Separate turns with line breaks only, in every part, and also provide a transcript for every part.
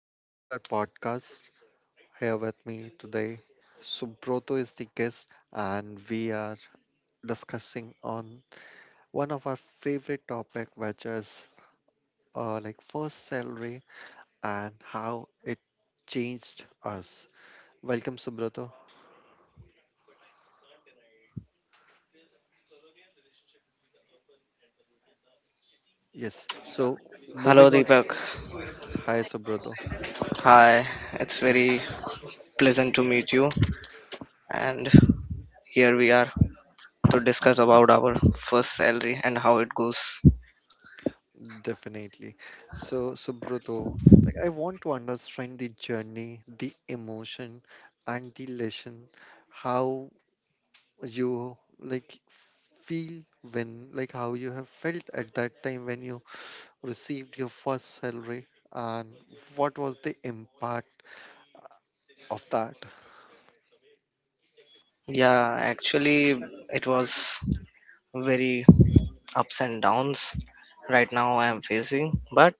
Welcome to our podcast. Here with me today, Subroto is the guest, and we are discussing on one of our favorite topic, which is like first salary and how it changed us. Welcome, Subroto. Yes. So
Hello,
moving on.
Deepak.
Hi, Subroto.
Hi, it's
Yeah,
very pleasant to meet you. And here we are to discuss about our first salary and how it goes.
definitely. So, Subroto, like I want to understand the journey, the emotion, and the lesson how you like feel when, like, how you have felt at that time when you received your first salary and what was the impact of that.
Yeah, actually, it was very ups and downs right now I am facing. But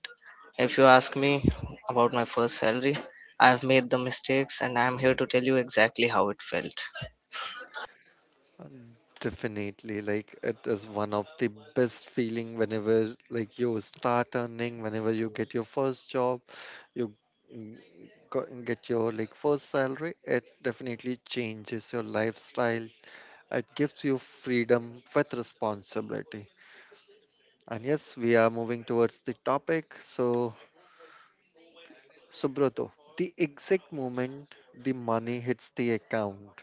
if you ask me about my first salary, I have made the mistakes and I am here to tell you exactly how it felt.
Definitely, like it is one of the best feeling whenever like you start earning, whenever you get your first job, you mm, get your like first salary, it definitely changes your lifestyle. It gives you freedom with responsibility. And yes, we are moving towards the topic. So, Subrato, the exact moment the money hits the account,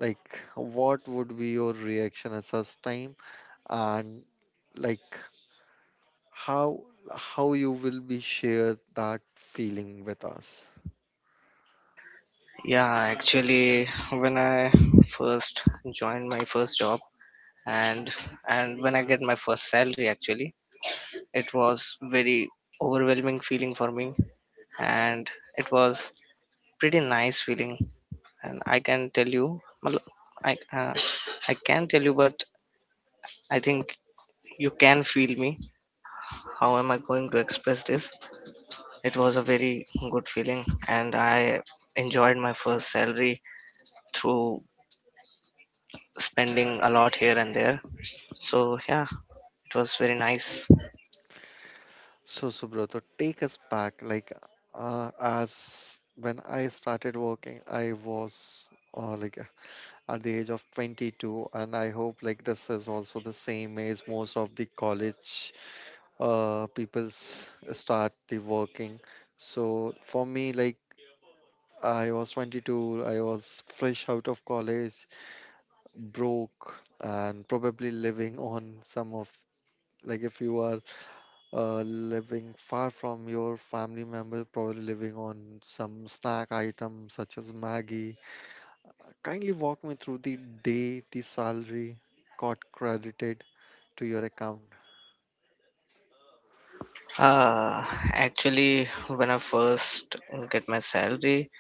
like what would be your reaction at such time, and like how how you will be share that feeling with us.
Yeah, actually, when I first joined my first job, and and when I get my first salary actually, it was very overwhelming feeling for me, and it was pretty nice feeling. And i uh, I can tell you, but I think you can feel me. How am I going to express this? It was a very good feeling, and I enjoyed my first salary through spending a lot here and there. So yeah, it was very nice.
So, Subrato, take us back. Like, as when I started working, I was, like, at the age of 22, and I hope like this is also the same age most of the college people start the working. So for me like I was 22, I was fresh out of college, broke, and probably living on some of, like, if you are living far from your family members, probably living on some snack items such as maggie. Kindly walk me through the day the salary got credited to your account.
Uh, Actually, when I first get my salary,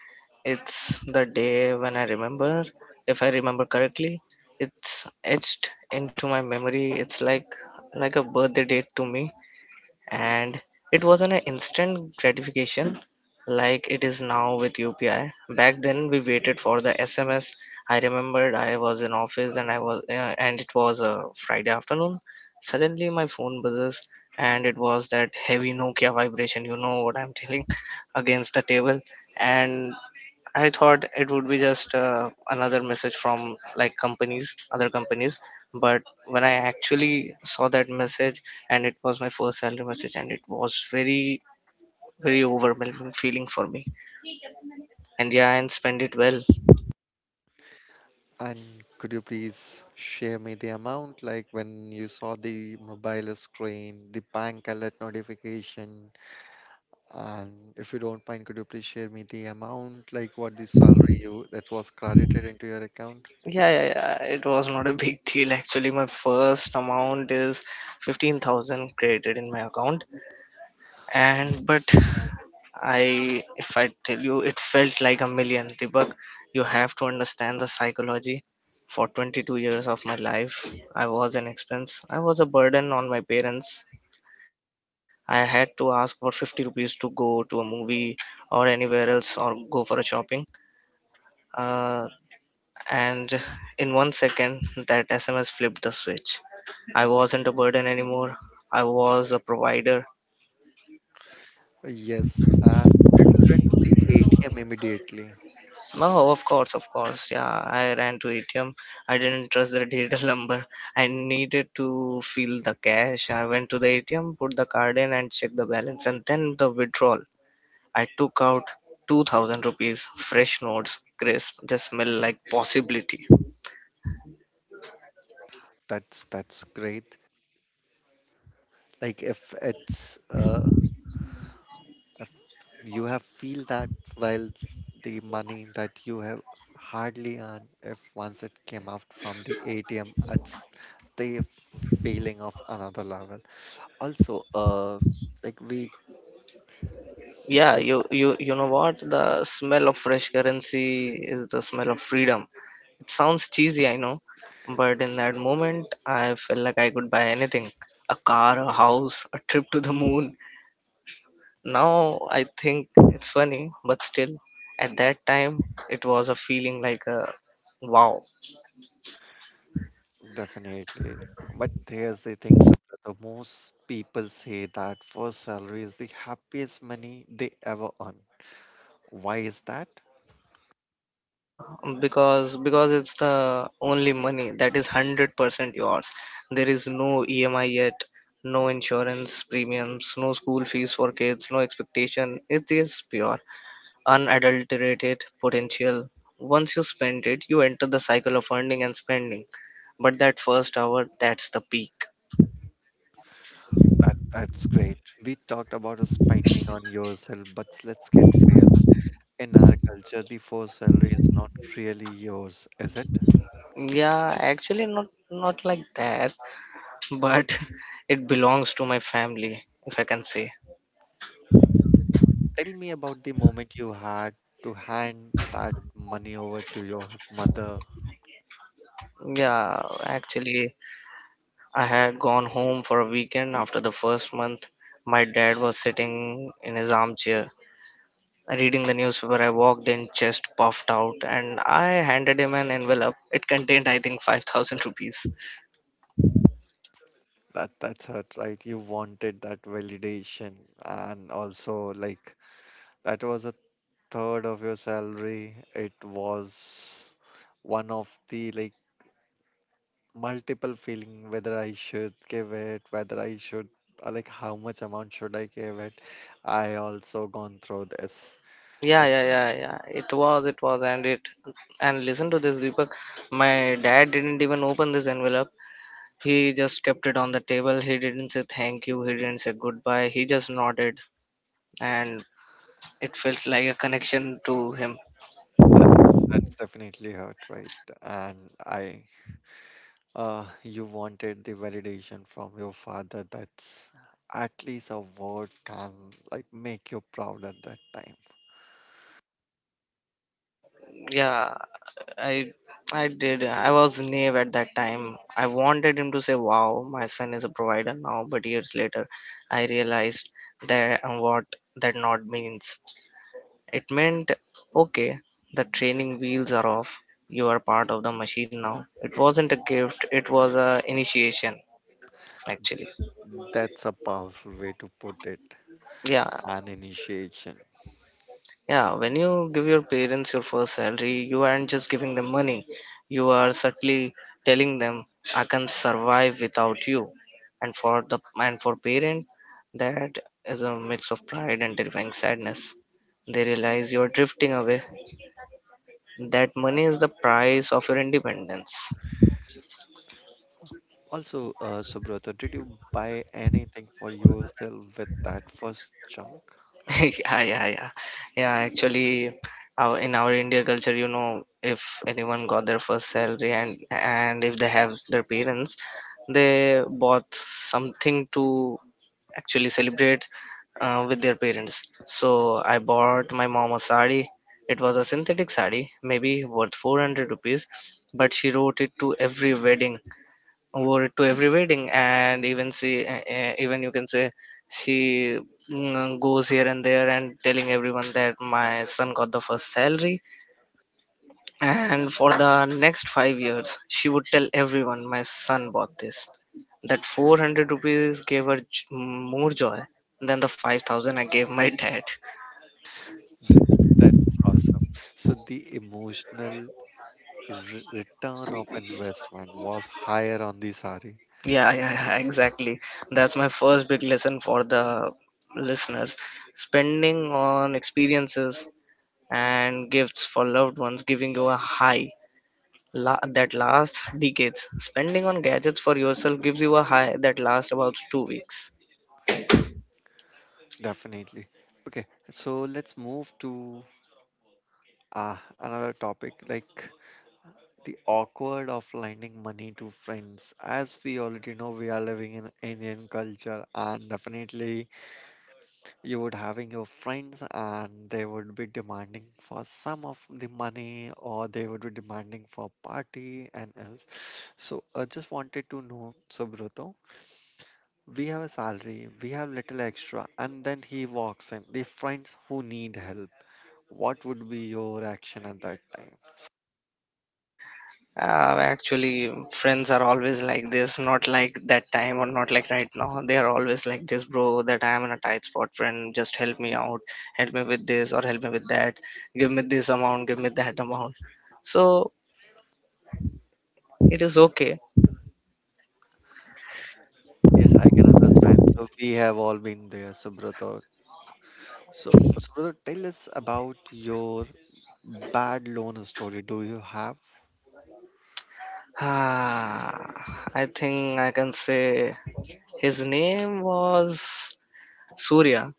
it's the day when I remember, if I remember correctly, it's etched into my memory. It's like a birthday date to me, and it wasn't an instant gratification like it is now with UPI. Back then, we waited for the SMS. I remembered I was in office, and it was a Friday afternoon. Suddenly, my phone buzzes, and it was that heavy Nokia vibration. You know what I'm telling against the table, and I thought it would be just another message from like companies, other companies. But when I actually saw that message, and it was my first salary message, and it was very, very overwhelming feeling for me. And yeah, and spend it well.
And could you please share me the amount, like when you saw the mobile screen, the bank alert notification, and if you don't mind, could you please share me the amount, like what the salary you that was credited into your account?
Yeah, yeah, yeah. It was not a big deal actually. My first amount is 15,000 credited in my account, and but if I tell you, it felt like a million. Deepak, you have to understand the psychology. For 22 years of my life, I was an expense. I was a burden on my parents. I had to ask for 50 rupees to go to a movie or anywhere else or go for a shopping. Uh, and in one second, that SMS flipped the switch. I wasn't a burden anymore. I was a provider.
Yes, and did you run to the ATM immediately?
Oh, of course, of course. Yeah, I ran to ATM. I didn't trust the digital number. I needed to feel the cash. I went to the ATM, put the card in, and checked the balance, and then the withdrawal. I took out 2,000 rupees, fresh notes, crisp. They smell like possibility.
That's great. Like if it's if you have feel that while the money that you have hardly earned, if once it came out from the ATM, it's the feeling of another level. Also, like we
Yeah,
like
you know what? The smell of fresh currency is the smell of freedom. It sounds cheesy, I know, but in that moment, I felt like I could buy anything, a car, a house, a trip to the moon. Now I think it's funny, but still, at that time, it was a feeling like a wow.
definitely. But here's the thing, so the most people say that first salary is the happiest money they ever earn. Why is that?
Yeah, because it's the only money that is 100% yours. There is no EMI yet, no insurance premiums, no school fees for kids, no expectation. It is pure, unadulterated potential. Once you spend it, you enter the cycle of earning and spending. But that first hour, that's the peak.
That that's great. We talked about spending on yourself, but let's get real. In our culture, the first salary is not really yours, is it?
Yeah, actually, not like that, but it belongs to my family, if I can say.
Tell me about the moment you had to hand that money over to your mother.
Yeah, actually, I had gone home for a weekend after the first month. My dad was sitting in his armchair reading the newspaper. I walked in, chest puffed out, and I handed him an envelope. It contained, I think, 5,000 rupees.
That that's hurt, right? You wanted that validation, and also like that was a third of your salary. It was one of the like multiple feeling whether I should give it, whether I should, like, how much amount should I give it. I also gone through this.
Yeah, yeah, yeah, yeah. It was, and it. And listen to this, Deepak. My dad didn't even open this envelope. He just kept it on the table. He didn't say thank you. He didn't say goodbye. He just nodded, and it feels like a connection to him.
That that's definitely hurt, right? And I, you wanted the validation from your father. That's at least a word can like make you proud at that time.
Yeah, I I did. I was naive at that time. I wanted him to say, "Wow, my son is a provider now." But years later, I realized that and what that nod means. It meant, okay, the training wheels are off. You are part of the machine now. It wasn't a gift. It was a initiation, actually.
That's a powerful way to put it.
Yeah,
An initiation.
yeah, when you give your parents your first salary, you aren't just giving them money. You are subtly telling them, "I can survive without you." And for the and for parent, that is a mix of pride and terrifying sadness. They realize you are drifting away. That money is the price of your independence.
Also, Subrata, did you buy anything for yourself with that first chunk?
Yeah, yeah, yeah, yeah, actually, our in our Indian culture, if anyone got their first salary, and if they have their parents, they bought something to actually celebrate with their parents. So I bought my mom a sari. It was a synthetic sari, maybe worth 400 rupees, but she wrote it to every wedding, wore it to every wedding, and even you can say she goes here and there and telling everyone that my son got the first salary. And for the next 5 years, she would tell everyone my son bought this, that 400 rupees gave her more joy than the 5,000 I gave my dad.
That's awesome. So the emotional re return of investment was higher on the sari.
Yeah, yeah, yeah, exactly, that's my first big lesson for the listeners. Spending on experiences and gifts for loved ones, giving you a high that lasts decades. Spending on gadgets for yourself gives you a high that lasts about 2 weeks.
Definitely. Okay, so let's move to another topic like the awkward of lending money to friends. As we already know, we are living in Indian culture, and definitely you would having your friends, and they would be demanding for some of the money, or they would be demanding for party and else. So I just wanted to know, Subrato, we have a salary, we have little extra, and then he walks in. The friends who need help, what would be your action at that time?
Actually, friends are always like this, not like that time or not like right now. They are always like this, bro, that I am in a tight spot, friend. Just help me out, help me with this or help me with that, give me this amount, give me that amount. So it is okay.
Yes, I can understand. So we have all been there, Subrata. So, Subrata, tell us about your bad loan story. Do you have?
Ah, I think I can say his name was Surya.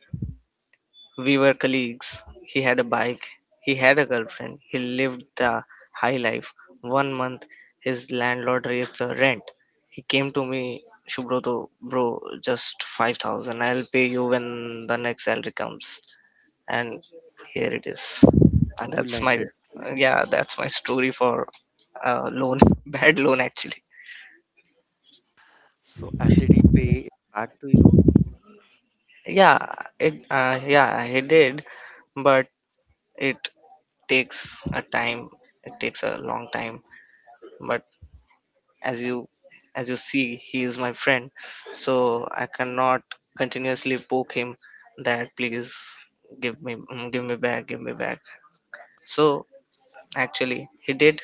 We were colleagues. He had a bike, he had a girlfriend, he lived the high life. One month, his landlord raised the rent. He came to me, Shubroto, bro, just 5,000. I'll pay you when the next salary comes. And here it is.
And you
That's
lent
my,
it.
yeah, that's my story for uh, loan, bad loan actually.
So, and did he pay it back to you?
Yeah, yeah, he did, but it takes a time it takes a long time. But as you as you see, he is my friend. So I cannot continuously poke him that please give me back. So actually, he did,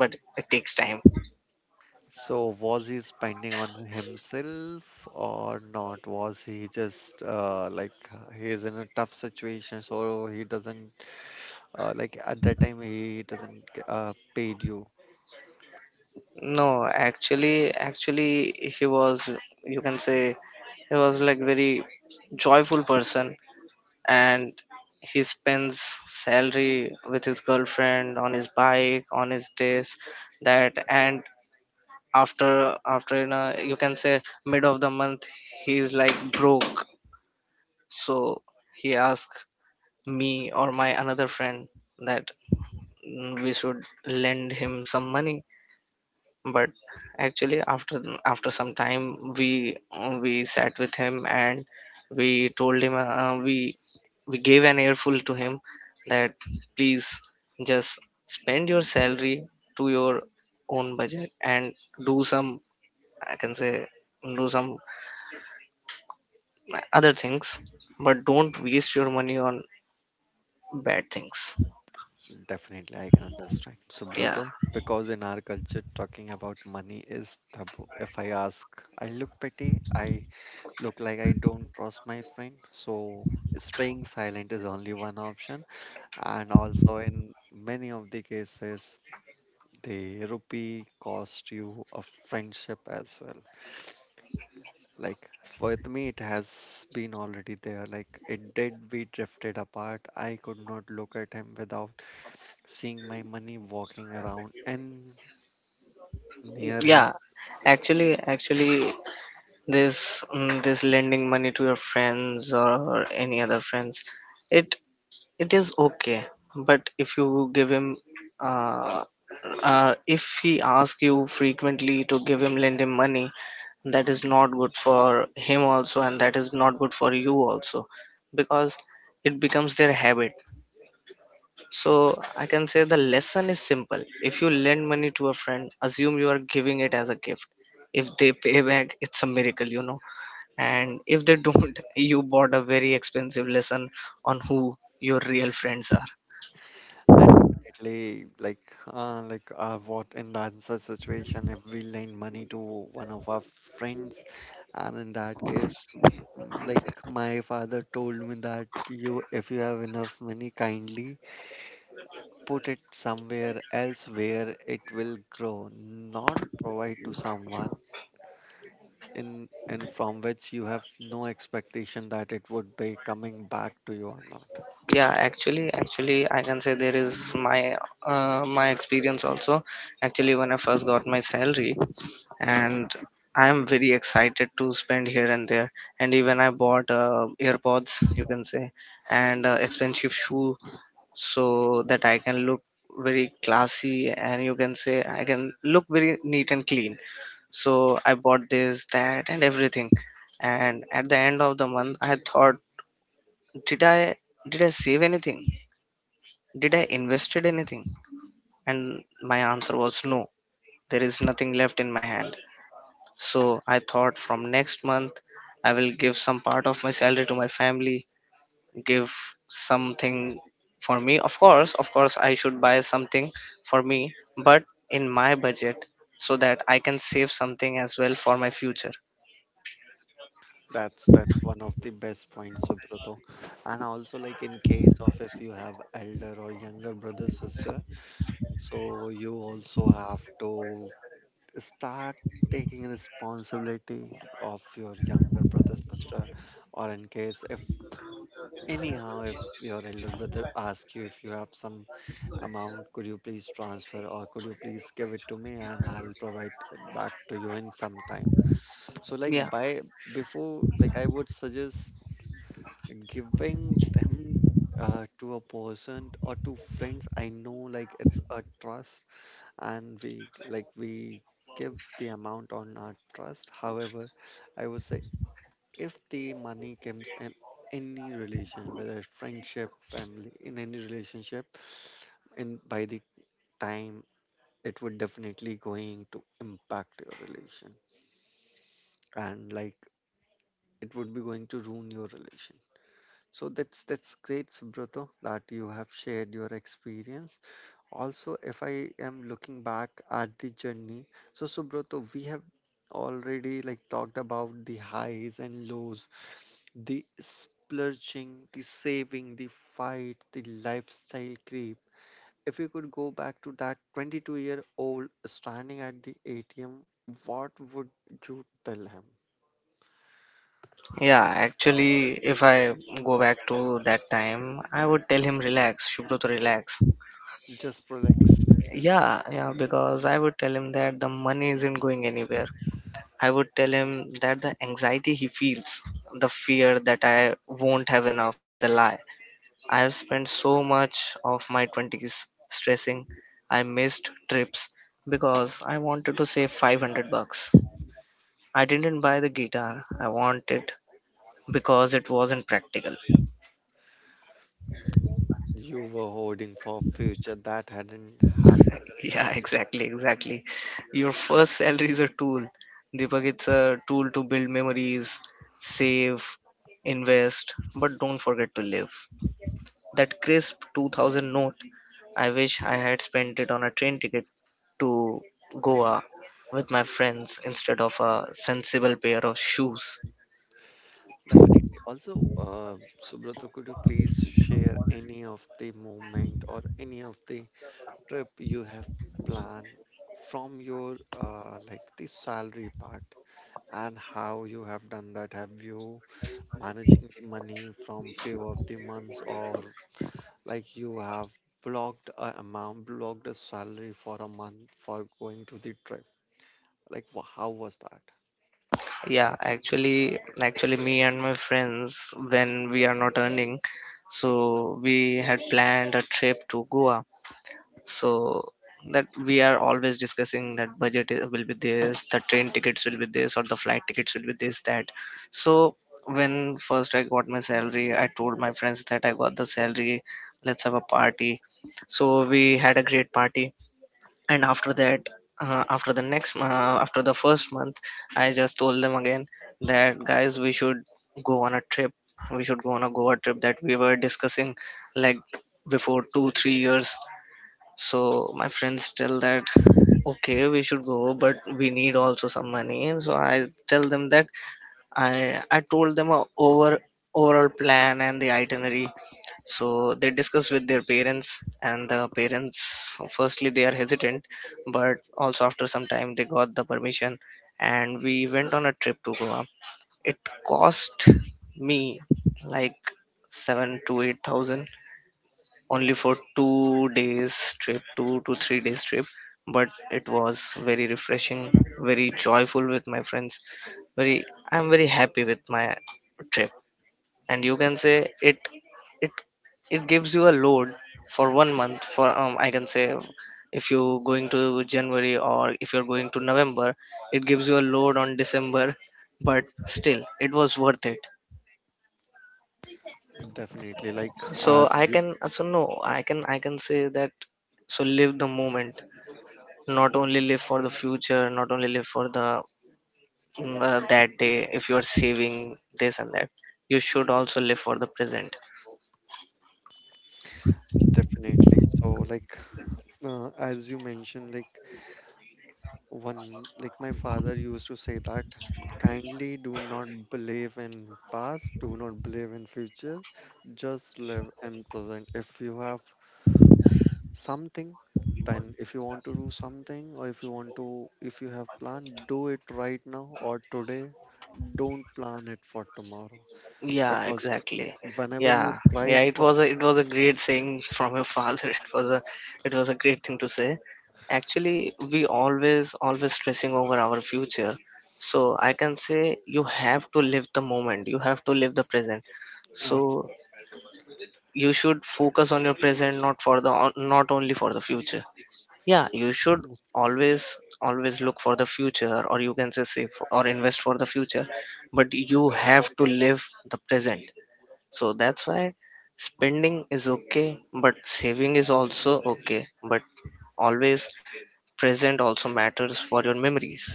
but it takes time.
So, was he spending on himself or not? Was he just, like, he is in a tough situation, so he doesn't, like at that time he doesn't paid you.
No, actually, actually he was you can say he was like very joyful person. And he spends salary with his girlfriend, on his bike, on his this, that. And after you can say, mid of the month, he's like broke. So he asked me or my another friend that we should lend him some money. But actually, after some time, we sat with him, and we told him we gave an earful to him, that please just spend your salary to your own budget and do some, I can say, do some other things, but don't waste your money on bad things.
Definitely, I can understand.
Yeah,
Subrato, because in our culture, talking about money is taboo. If I ask, I look petty, I look like I don't trust my friend. So, staying silent is only one option. And also, in many of the cases, the rupee cost you a friendship as well. Like with me, it has been already there. Like it did, we drifted apart. I could not look at him without seeing my money walking around and near him.
yeah, actually, this lending money to your friends or any other friends, it it is okay. But uh, if he asks you frequently to give him, lend him money, that is not good for him also, and that is not good for you also. Because it becomes their habit. So I can say the lesson is simple: if you lend money to a friend, assume you are giving it as a gift. If they pay back, it's a miracle. And if they don't, you bought a very expensive lesson on who your real friends are.
And definitely, like, what in that such situation if we lend money to one of our friends? And in that case, like, my father told me that you, if you have enough money, kindly put it somewhere else where it will grow, not provide to someone in and from which you have no expectation that it would be coming back to you or not.
Yeah, actually, I can say there is my experience also. Actually, when I first got my salary, and I am very excited to spend here and there. And even I bought AirPods, you can say, and expensive shoe, so that I can look very classy, and you can say I can look very neat and clean. So I bought this, that, and everything. And at the end of the month, I thought, did I did I save anything? Did I invested anything? And my answer was no. There is nothing left in my hand. So I thought, from next month, I will give some part of my salary to my family, give something for me, of course. Of course, I should buy something for me, but in my budget, so that I can save something as well for my future.
That's one of the best points, Subrato. And also like in case of if you have elder or younger brother, sister, so you also have to start taking responsibility of your younger brother, sister, or in case if, anyhow, if your elder brother asks you if you have some amount, could you please transfer or could you please give it to me and I'll provide it back to you in some time. So like
Yeah,
by before, like I would suggest giving them to a person or to friends. I know like it's a trust and we like we give the amount on our trust. However, I would say if the money comes in any relation, whether it's friendship, family, in any relationship, and by the time it would definitely going to impact your relation, and like it would be going to ruin your relation. So that's great, Subrata, that you have shared your experience. Also, if I am looking back at the journey, so Subrata, we have already like talked about the highs and lows, the splurging, the saving, the fight, the lifestyle creep. If you could go back to that 22-year-old standing at the atm, what would you tell him?
yeah, actually, if I go back to that time, I would tell him, relax, shubro to relax.
Just relax.
Yeah, yeah, because I would tell him that the money isn't going anywhere. I would tell him that the anxiety he feels, the fear that I won't have enough, is a lie. I've spent so much of my 20s stressing. I missed trips because I wanted to save 500 bucks. I didn't buy the guitar, I wanted, because it wasn't practical.
You were holding for future that hadn't happened.
Yeah, exactly, exactly. Your first salary is a tool. Deepak, it's a tool to build memories, save, invest, but don't forget to live. That crisp 2000 note, I wish I had spent it on a train ticket to Goa with my friends instead of a sensible pair of shoes.
Definitely. Also, Subrata, could you please share any of the moment or any of the trip you have planned from your, like, the salary part, and how you have done that? Have you managing the money from few of the months, or like you have blocked a amount, blocked a salary for a month for going to the trip? Like, how was that?
Yeah, actually, me and my friends, when we are not earning, so we had planned a trip to Goa, so that we are always discussing that budget, will be this, the train tickets will be this, or the flight tickets will be this, that. So when first I got my salary, I told my friends that I got the salary. Let's have a party. So we had a great party, and after that, after the first month I just told them again, that guys, we should go on a trip, we should go on a Goa trip that we were discussing like before 2-3 years. So my friends tell that okay, we should go, but we need also some money. So I tell them that, I told them a over overall plan and the itinerary. So they discuss with their parents, and the parents firstly they are hesitant, but also after some time they got the permission, and we went on a trip to Goa. It cost me like 7 to 8,000, only for 2 days trip, 2 to 3 days trip, but it was very refreshing, very joyful with my friends. Very, I'm very happy with my trip, and you can say it, it gives you a load for one month. For, I can say if you going to January or if you're going to November, it gives you a load on December, but still it was worth it.
Definitely, like
So
as
I
you
can also, no, I can say that, so live the moment, not only live for the future, not only live for the, that day, if you are saving this and that, you should also live for the present.
definitely so like, as you mentioned, like one, like my father used to say that kindly do not believe in past, do not believe in future, just live in present. If you have something, then if you want to do something, or if you want to, if you have plan, do it right now or today. Don't plan it for tomorrow
Yeah,
because
exactly.
whenever you
Yeah,
try
yeah, it
for,
was a it was a great saying from your father. It was a great thing to say. Actually, we always stressing over our future. So I can say you have to live the moment, you have to live the present. So
uh,
you should focus on your present, not only for the future. Yeah, you should always look for the future, or you can say save or invest for the future, but you have to live the present. So that's why spending is okay, but saving is also okay, but always present also matters for your memories.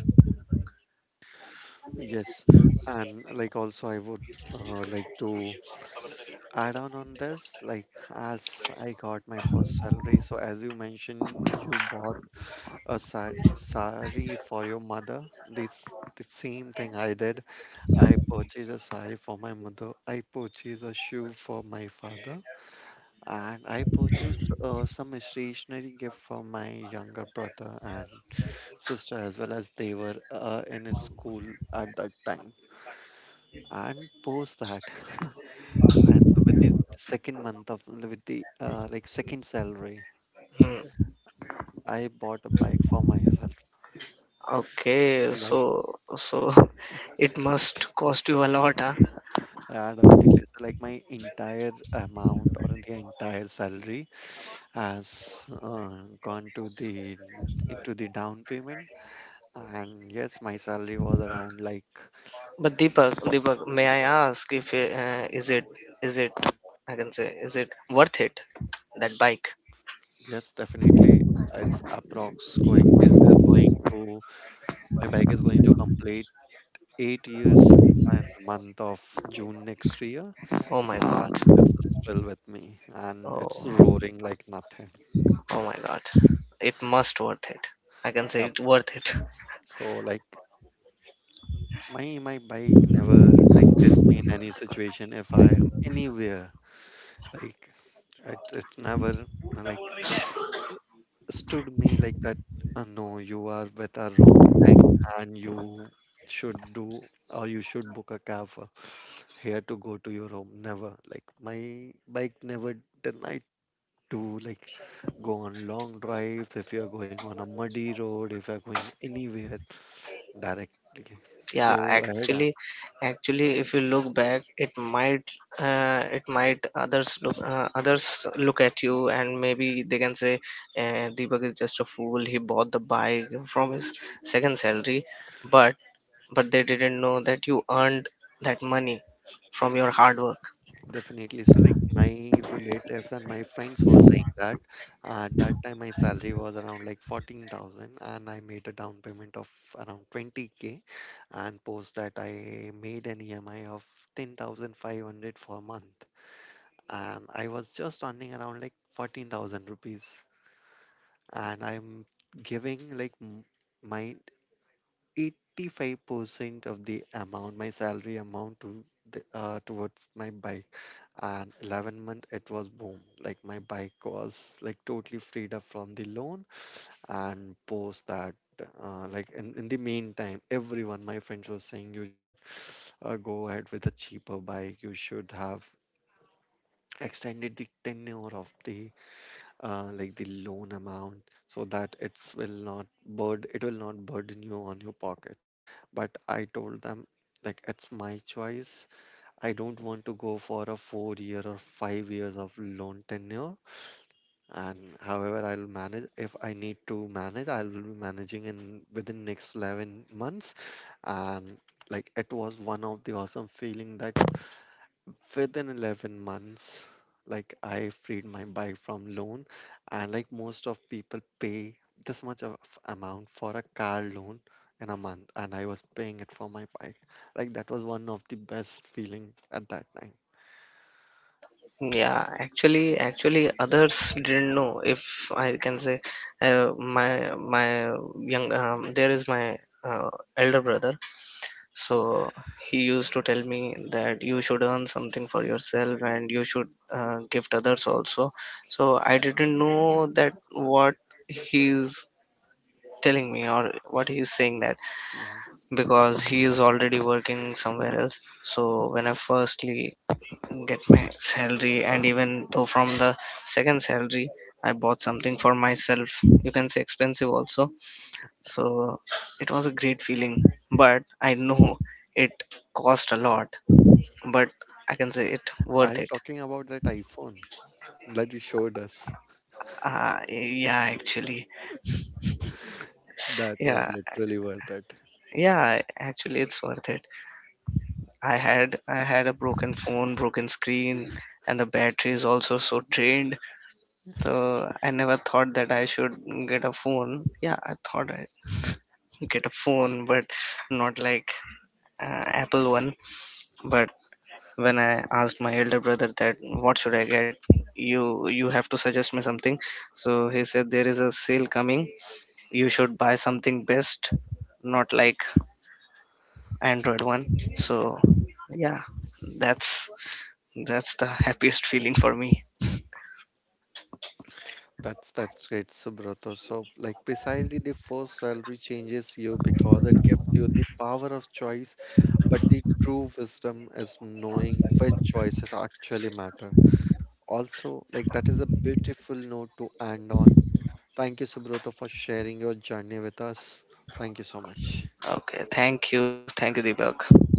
yes, and like also I would, like, to add on this, like as I got my first salary, so as you mentioned, you bought sari for your mother. This the same thing I did. I purchased a sari for my mother. I purchased a shoe for my father, and I purchased some stationery gift for my younger brother and sister as well, as they were in a school at that time. And post that. And with the second month of, with the, like, second salary,
Hmm.
I bought a bike for myself.
Okay,
Like
so it must cost you a lot, huh?
yeah, definitely. So, like my entire amount or the entire salary has gone to the into the down payment. And yes, my salary was around like
But Deepak,
for
Deepak, may I ask if, is it, I can say, is it worth it, that bike?
yes, definitely. It's approx going is going to, my bike is going to complete 8 years in the month of June next year,
Oh my god.
and it's still with me and it's
Oh
roaring like nothing.
oh my god. It must worth it. I can say
Yep.
it worth it.
So like my bike never like gets me in any situation if I am anywhere, like it never like stood me like that, no, you are with a wrong thing and you should do or you should book a cab for here to go to your home. Never like my bike never denied to like go on long drives, if you're going on a muddy road, if you're going anywhere, directly
Yeah,
go ahead
actually,
and
actually, if you look back, it might, others look, others look at you, and maybe they can say, Deepak is just a fool. He bought the bike from his second salary, but they didn't know that you earned that money from your hard work.
definitely. So like my relatives and my friends were saying that, at that time my salary was around like 14,000 and I made a down payment of around 20K, and post that I made an EMI of 10,500 for a month, and I was just earning around like 14,000 rupees. And I'm giving like my 85% of the amount, my salary amount to the, towards my bike. And 11 month it was boom. Like my bike was like totally freed up from the loan. And post that, like in the meantime, everyone, my friends was saying you should go ahead with a cheaper bike. You should have extended the tenure of the, like, the loan amount so that it's will not burden, it will not burden you on your pocket. But I told them, like it's my choice, I don't want to go for a 4 year or 5 years of loan tenure, and however I'll manage. If I need to manage, I will be managing in within next 11 months. And like it was one of the awesome feeling that within 11 months like I freed my bike from loan. And like most of people pay this much of amount for a car loan in a month, and I was paying it for my bike. Like that was one of the best feeling at that time.
Yeah, actually, others didn't know, if I can say, my young, there is my uh, elder brother. So he used to tell me that you should earn something for yourself and you should, gift others also. So I didn't know that what he's telling me or what he's saying, that,
Mhm.
because he is already working somewhere else. So when I firstly get my salary, and even though from the second salary, I bought something for myself, you can say expensive also. So it was a great feeling, but I know it cost a lot, but I can say it
Are
worth
you
it.
talking about that iphone that you showed us?
Yeah, actually.
That was
Yeah,
literally worth it.
yeah, actually, it's worth it. I had a broken phone, broken screen, and the battery is also so drained. So I never thought that I should get a phone. Yeah, I thought I get a phone, but not like, Apple one. But when I asked my elder brother that what should I get, you have to suggest me something. So he said there is a sale coming. You should buy something best, not like Android one. So yeah, that's that's the happiest feeling for me.
That's great, Subrato. So like precisely the first salary changes you because it gives you the power of choice. But the true wisdom is knowing which choices actually matter. Also, like that is a beautiful note to end on. Thank you, Subroto, for sharing your journey with us. Thank you so much.
Okay, thank you, Deepak.